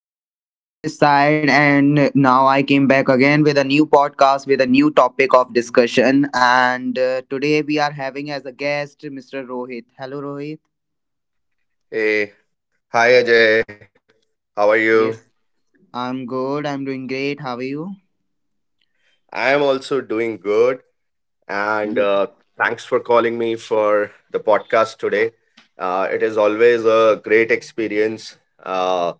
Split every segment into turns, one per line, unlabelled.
Hi guys, Ajay this side, and now I came back again with a new podcast with a new topic of discussion. And Today we are having as a guest Mr. Rohit. Hello, Rohit.
Hey, hi Ajay. How are you?
Yes, I'm good. I'm doing great. How are you?
I am also doing good, and
Yeah.
thanks for calling me for the podcast today. It is always a great experience uh,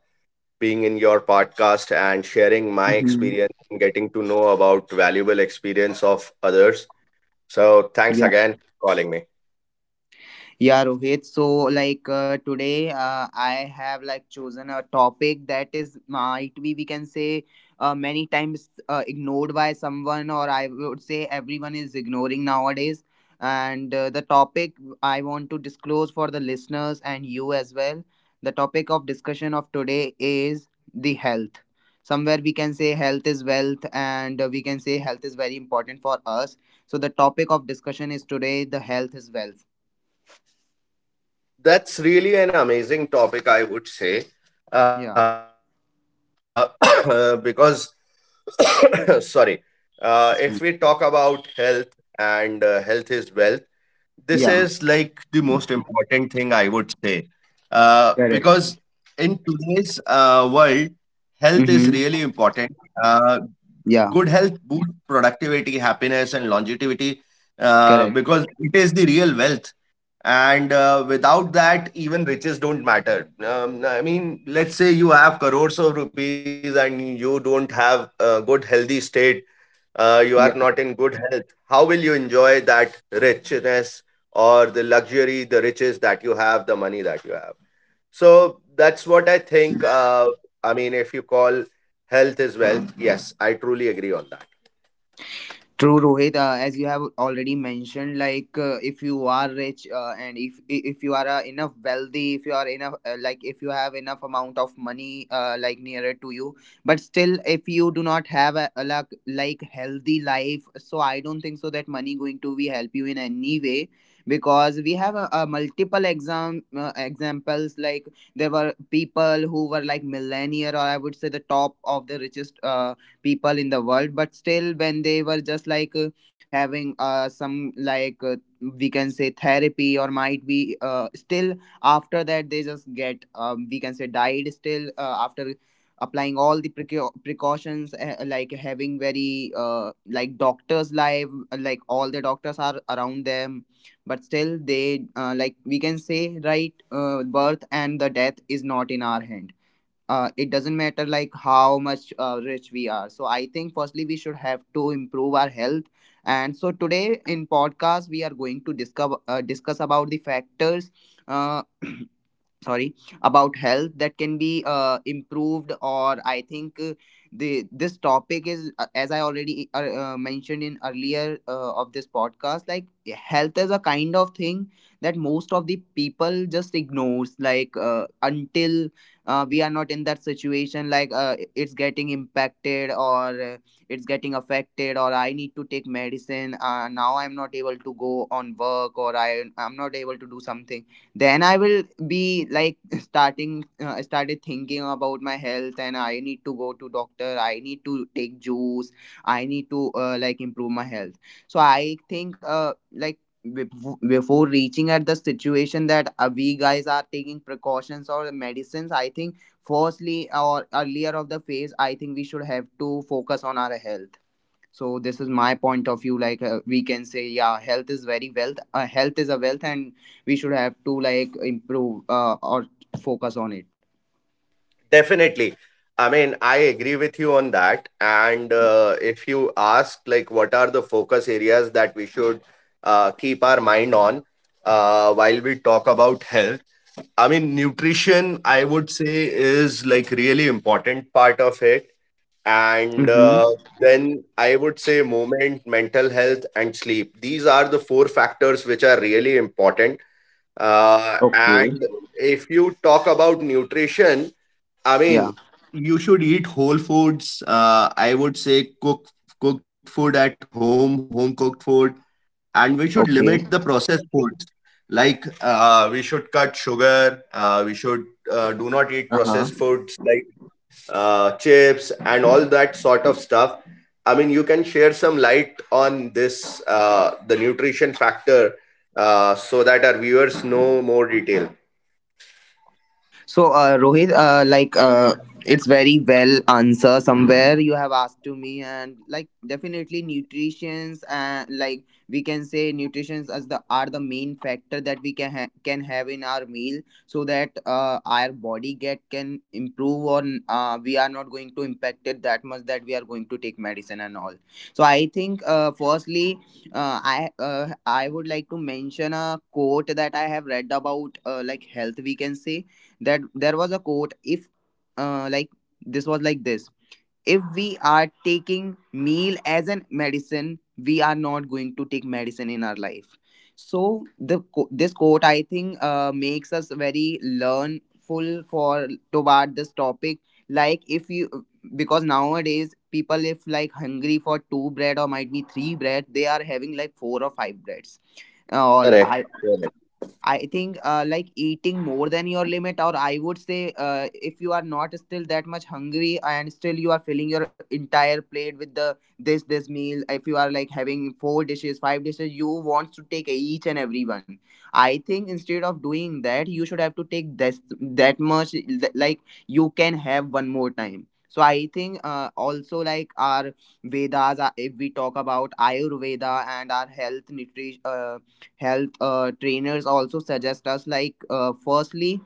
being in your podcast and sharing my
Mhm.
experience and getting to know about valuable experience of others. So thanks again for calling me.
Yeah, Rohit. So today, I have like chosen a topic that is might be we can say many times ignored by someone, or I would say everyone is ignoring nowadays. And the topic I want to disclose for the listeners and you as well. The topic of discussion of today is the health. Somewhere we can say health is wealth, and we can say health is very important for us. So, the topic of discussion is today the health is wealth.
That's really an amazing topic, I would say,
Yeah.
uh, because sorry if we talk about
It's fine.
health and health is wealth, this is like the
Yeah.
most important thing I would say, because
Correct.
in today's world health is really
Mm-hmm.
important. uh, Good health
Yeah.
boosts productivity, happiness, and longevity,
Correct.
because it is the real wealth. And without that, even riches don't matter. I mean, let's say you have crores of rupees and you don't have a good, healthy state, you are not in good health. How will you enjoy that richness or the luxury, the riches that you have, the money that you have? So that's what I think. I mean, if you call health is wealth, yes, I truly agree on that.
True, Rohit. As you have already mentioned, if you are rich and if you are enough wealthy, if you are enough, if you have enough amount of money, like nearer to you, but still, if you do not have a healthy life, so I don't think so that money going to be help you in any way because we have a multiple examples like there were people who were like millionaire or I would say the top of the richest. People in the world but still when they were just like having some like we can say therapy or might be still after that they just get we can say died still after applying all the precautions like having very like doctors live like all the doctors are around them but still they like we can say right birth and the death is not in our hand. It doesn't matter like how much rich we are. So I think firstly we should have to improve our health, and so today in podcast we are going to discuss about the factors uh, sorry about health that can be improved. Or i think uh, the this topic is, as I already mentioned in earlier of this podcast, like health is a kind of thing that most of the people just ignores, until we are not in that situation, it's getting impacted, or it's getting affected, or I need to take medicine. Now I'm not able to go on work, or I'm not able to do something, then I will be like starting I started thinking about my health and I need to go to doctor, I need to take juice, I need to like improve my health. So I think before reaching at the situation that we guys are taking precautions or medicines, I think firstly or earlier of the phase, I think we should have to focus on our health. So this is my point of view. We can say yeah health is very wealth, health is a wealth, and we should have to like improve or focus on it.
Definitely. I mean, I agree with you on that. And if you ask, like, what are the focus areas that we should keep our mind on while we talk about health? I mean, nutrition, I would say, is like really important part of it. And
Mm-hmm.
uh, then I would say movement, mental health, and sleep. These are the four factors which are really important. Uh,
Okay.
and if you talk about nutrition, I mean,
Yeah,
you should eat whole foods. I would say cooked food at home, home cooked food, and we should
okay.
limit the processed foods. Like we should cut sugar. We should do not eat
Uh huh.
processed foods like chips and all that sort of stuff. I mean, you can share some light on this the nutrition factor so that our viewers know more detail.
So, Rohit, it's very well answer somewhere you have asked to me, and like, definitely nutrition's and like we can say nutrition's as the are the main factor that we can can have in our meal, so that our body get can improve on. We are not going to impact it that much that we are going to take medicine and all. So firstly, I would like to mention a quote that I have read about, like health. We can say that there was a quote. If like This was like this: if we are taking meal as an medicine we are not going to take medicine in our life. So this quote I think makes us very learnful for toward this topic. Like if you, because nowadays people if like hungry for two bread or might be three bread, they are having like four or five breads, or I
Correct.
I think, like eating more than your limit, or I would say, if you are not still that much hungry and still you are filling your entire plate with the this this meal, if you are like having four dishes, five dishes, you want to take each and every one. I think instead of doing that, you should have to take this that much like you can have one more time. So I think also like our Vedas, if we talk about Ayurveda and our health nutrition. Health trainers also suggest us like firstly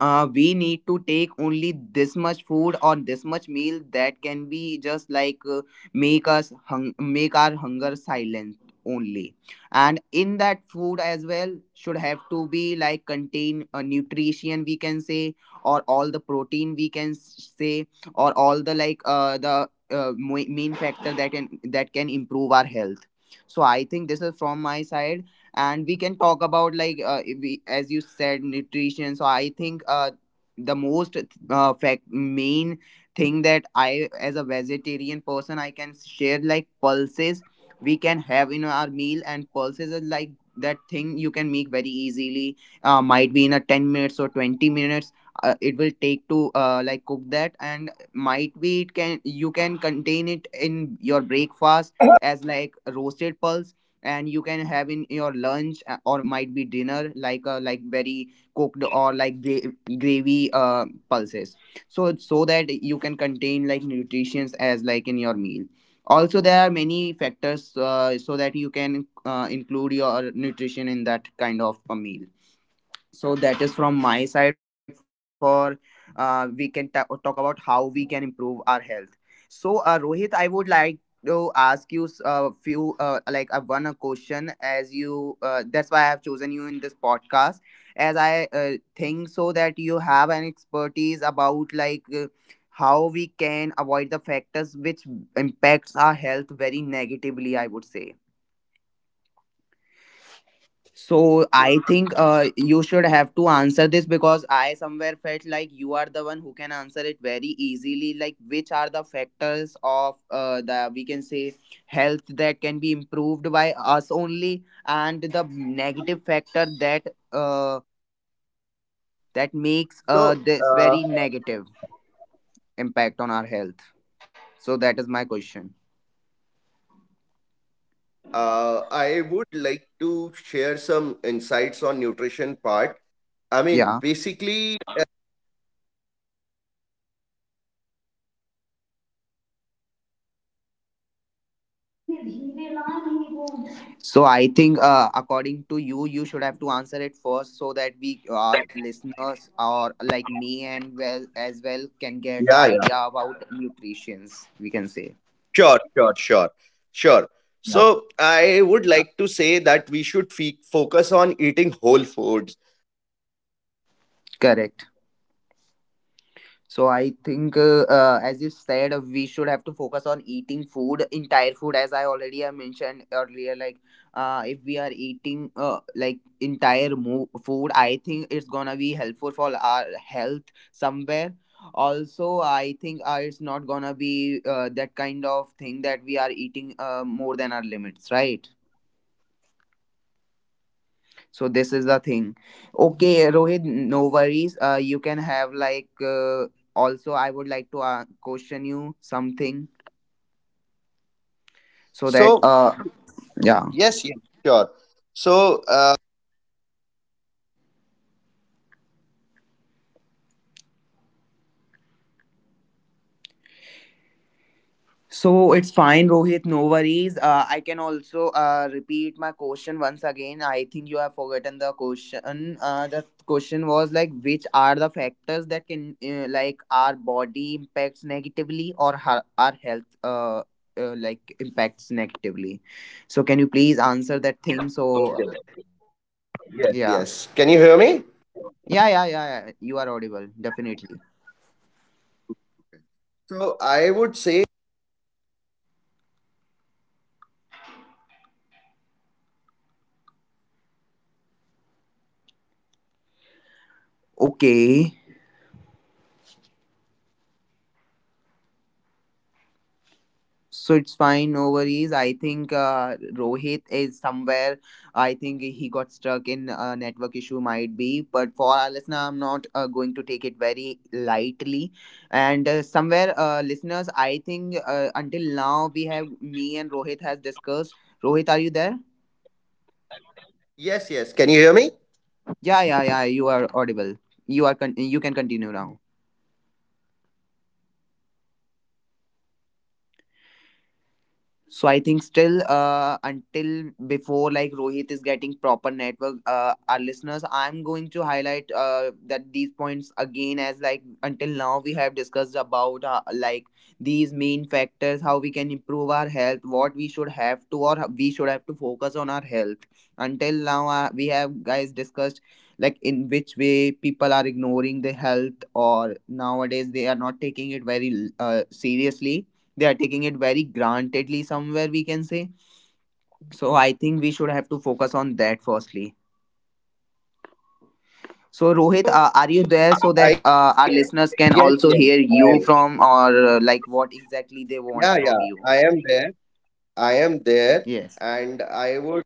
we need to take only this much food or this much meal that can be just like make our hunger silent only, and in that food as well should have to be like contain a nutrition we can say, or all the protein we can say, or all the main factor that can improve our health. So I think this is from my side. And we can talk about like as you said nutrition. So I think the most fact main thing that I as a vegetarian person I can share like pulses we can have in our meal. And pulses is like that thing you can make very easily, might be in a 10 minutes or 20 minutes. Uh, it will take to like cook that, and might be it can you can contain it in your breakfast as like roasted pulse, and you can have in your lunch or might be dinner, like very cooked or like gravy pulses, so that you can contain like nutrients as like in your meal. Also there are many factors so that you can include your nutrition in that kind of a meal. So that is from my side for, talk about how we can improve our health. So Rohit, I would like to ask you s- a few like one a question. As you, that's why I have chosen you in this podcast, as I think so that you have an expertise about like how we can avoid the factors which impacts our health very negatively, I would say. So I think you should have to answer this, because I somewhere felt like you are the one who can answer it very easily. Like which are the factors of the we can say health that can be improved by us only, and the negative factor that uh, that makes
So,
this very negative impact on our health. So that is my question.
I would like to share some insights on nutrition part. I
Yeah.
mean, basically,
So I think, according to you, you should have to answer it first, so that we, our listeners, or like me and well as well, can get the idea
yeah,
about
yeah,
nutritions, we can say.
sure, sure, sure, sure.
Yeah.
So, I would like to say that we should focus on eating whole foods.
Correct. So I think, as you said, we should have to focus on eating food, entire food, as I already have mentioned earlier. Like, if we are eating like entire food, I think it's gonna be helpful for our health somewhere. Also, I think it's not gonna be that kind of thing that we are eating more than our limits, right? So this is the thing. Okay, Rohit, no worries. You can have like also I would like to question you something so that
So,
uh, yeah.
yes, yes, sure. So,
So it's fine, Rohit. No worries. I can also repeat my question once again. I think you have forgotten the question. The question was like, which are the factors that can like our body impacts negatively or our health like impacts negatively. So can you please answer that thing? So
okay,
yeah,
yes, yes. Can you hear me?
yeah, yeah, yeah. yeah. You are audible, definitely.
So, I would say
Okay. So it's fine, no worries. I think Rohit is somewhere. I think he got stuck in a network issue, might be. But for our listener, I'm not going to take it very lightly. And somewhere, listeners, I think until now we have, me and Rohit has discussed. Rohit, are you there?
yes, yes. Can you hear me?
Yeah, yeah, yeah. You are audible. You are. You can continue now. So I think still until before like Rohit is getting proper network, our listeners, I'm going to highlight that these points again. As like until now we have discussed about like these main factors, how we can improve our health, what we should have to or we should have to focus on our health. Until now, we have guys discussed like in which way people are ignoring the health or nowadays they are not taking it very seriously, they are taking it very grantedly somewhere we can say. So I think we should have to focus on that firstly. So Rohit, are you there so that our
I
listeners can also
Yes,
hear
yes.
you
I
from
am.
or like what exactly they want
Yeah,
from
yeah.
you?
I am there. I am there
Yes.
and I would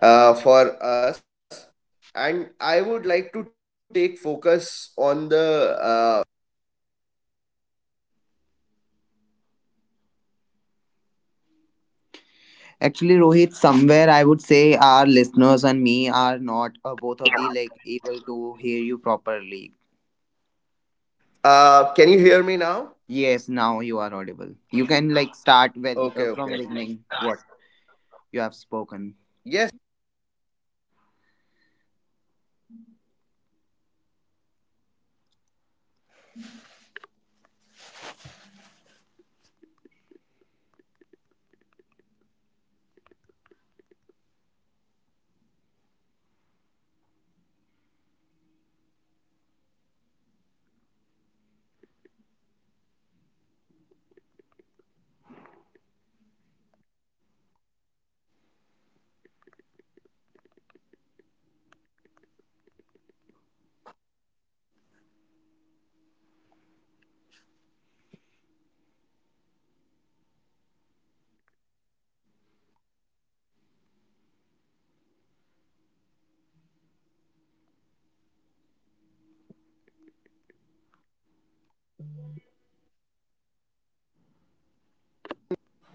uh, for us like to take focus on the
Actually, Rohit, somewhere I would say our listeners and me are not both of the like able to hear you properly.
can you hear me now?
Yes, now you are audible. You can like start very
Okay,
from
okay.
beginning what you have spoken.
Yes.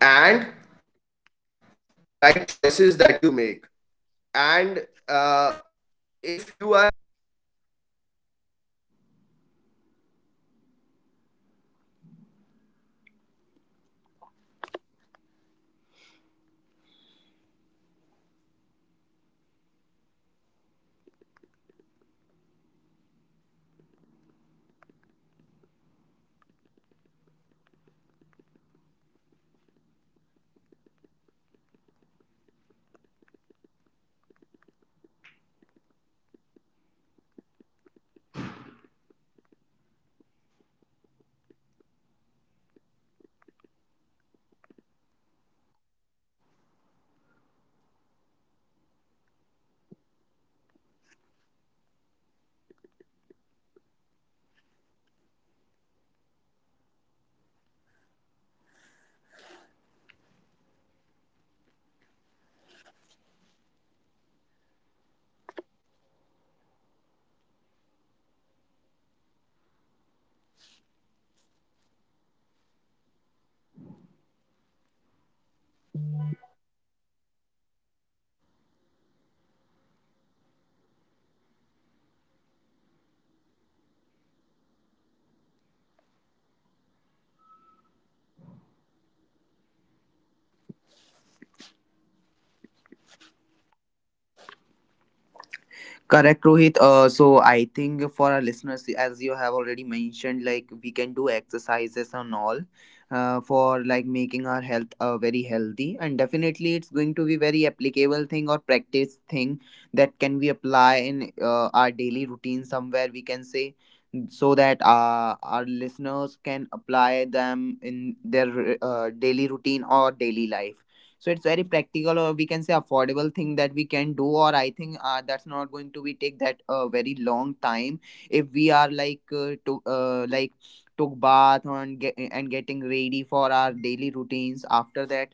And right choices that you make. And uh, if you are
Correct, Rohit. So I think for our listeners, as you have already mentioned, like we can do exercises and all, for like making our health very healthy, and definitely it's going to be very applicable thing or practice thing that can we apply in our daily routine somewhere we can say, so that our listeners can apply them in their daily routine or daily life. So it's very practical or we can say affordable thing that we can do. Or I think that's not going to be take that a very long time if we are like to like took bath and get, and getting ready for our daily routines after that.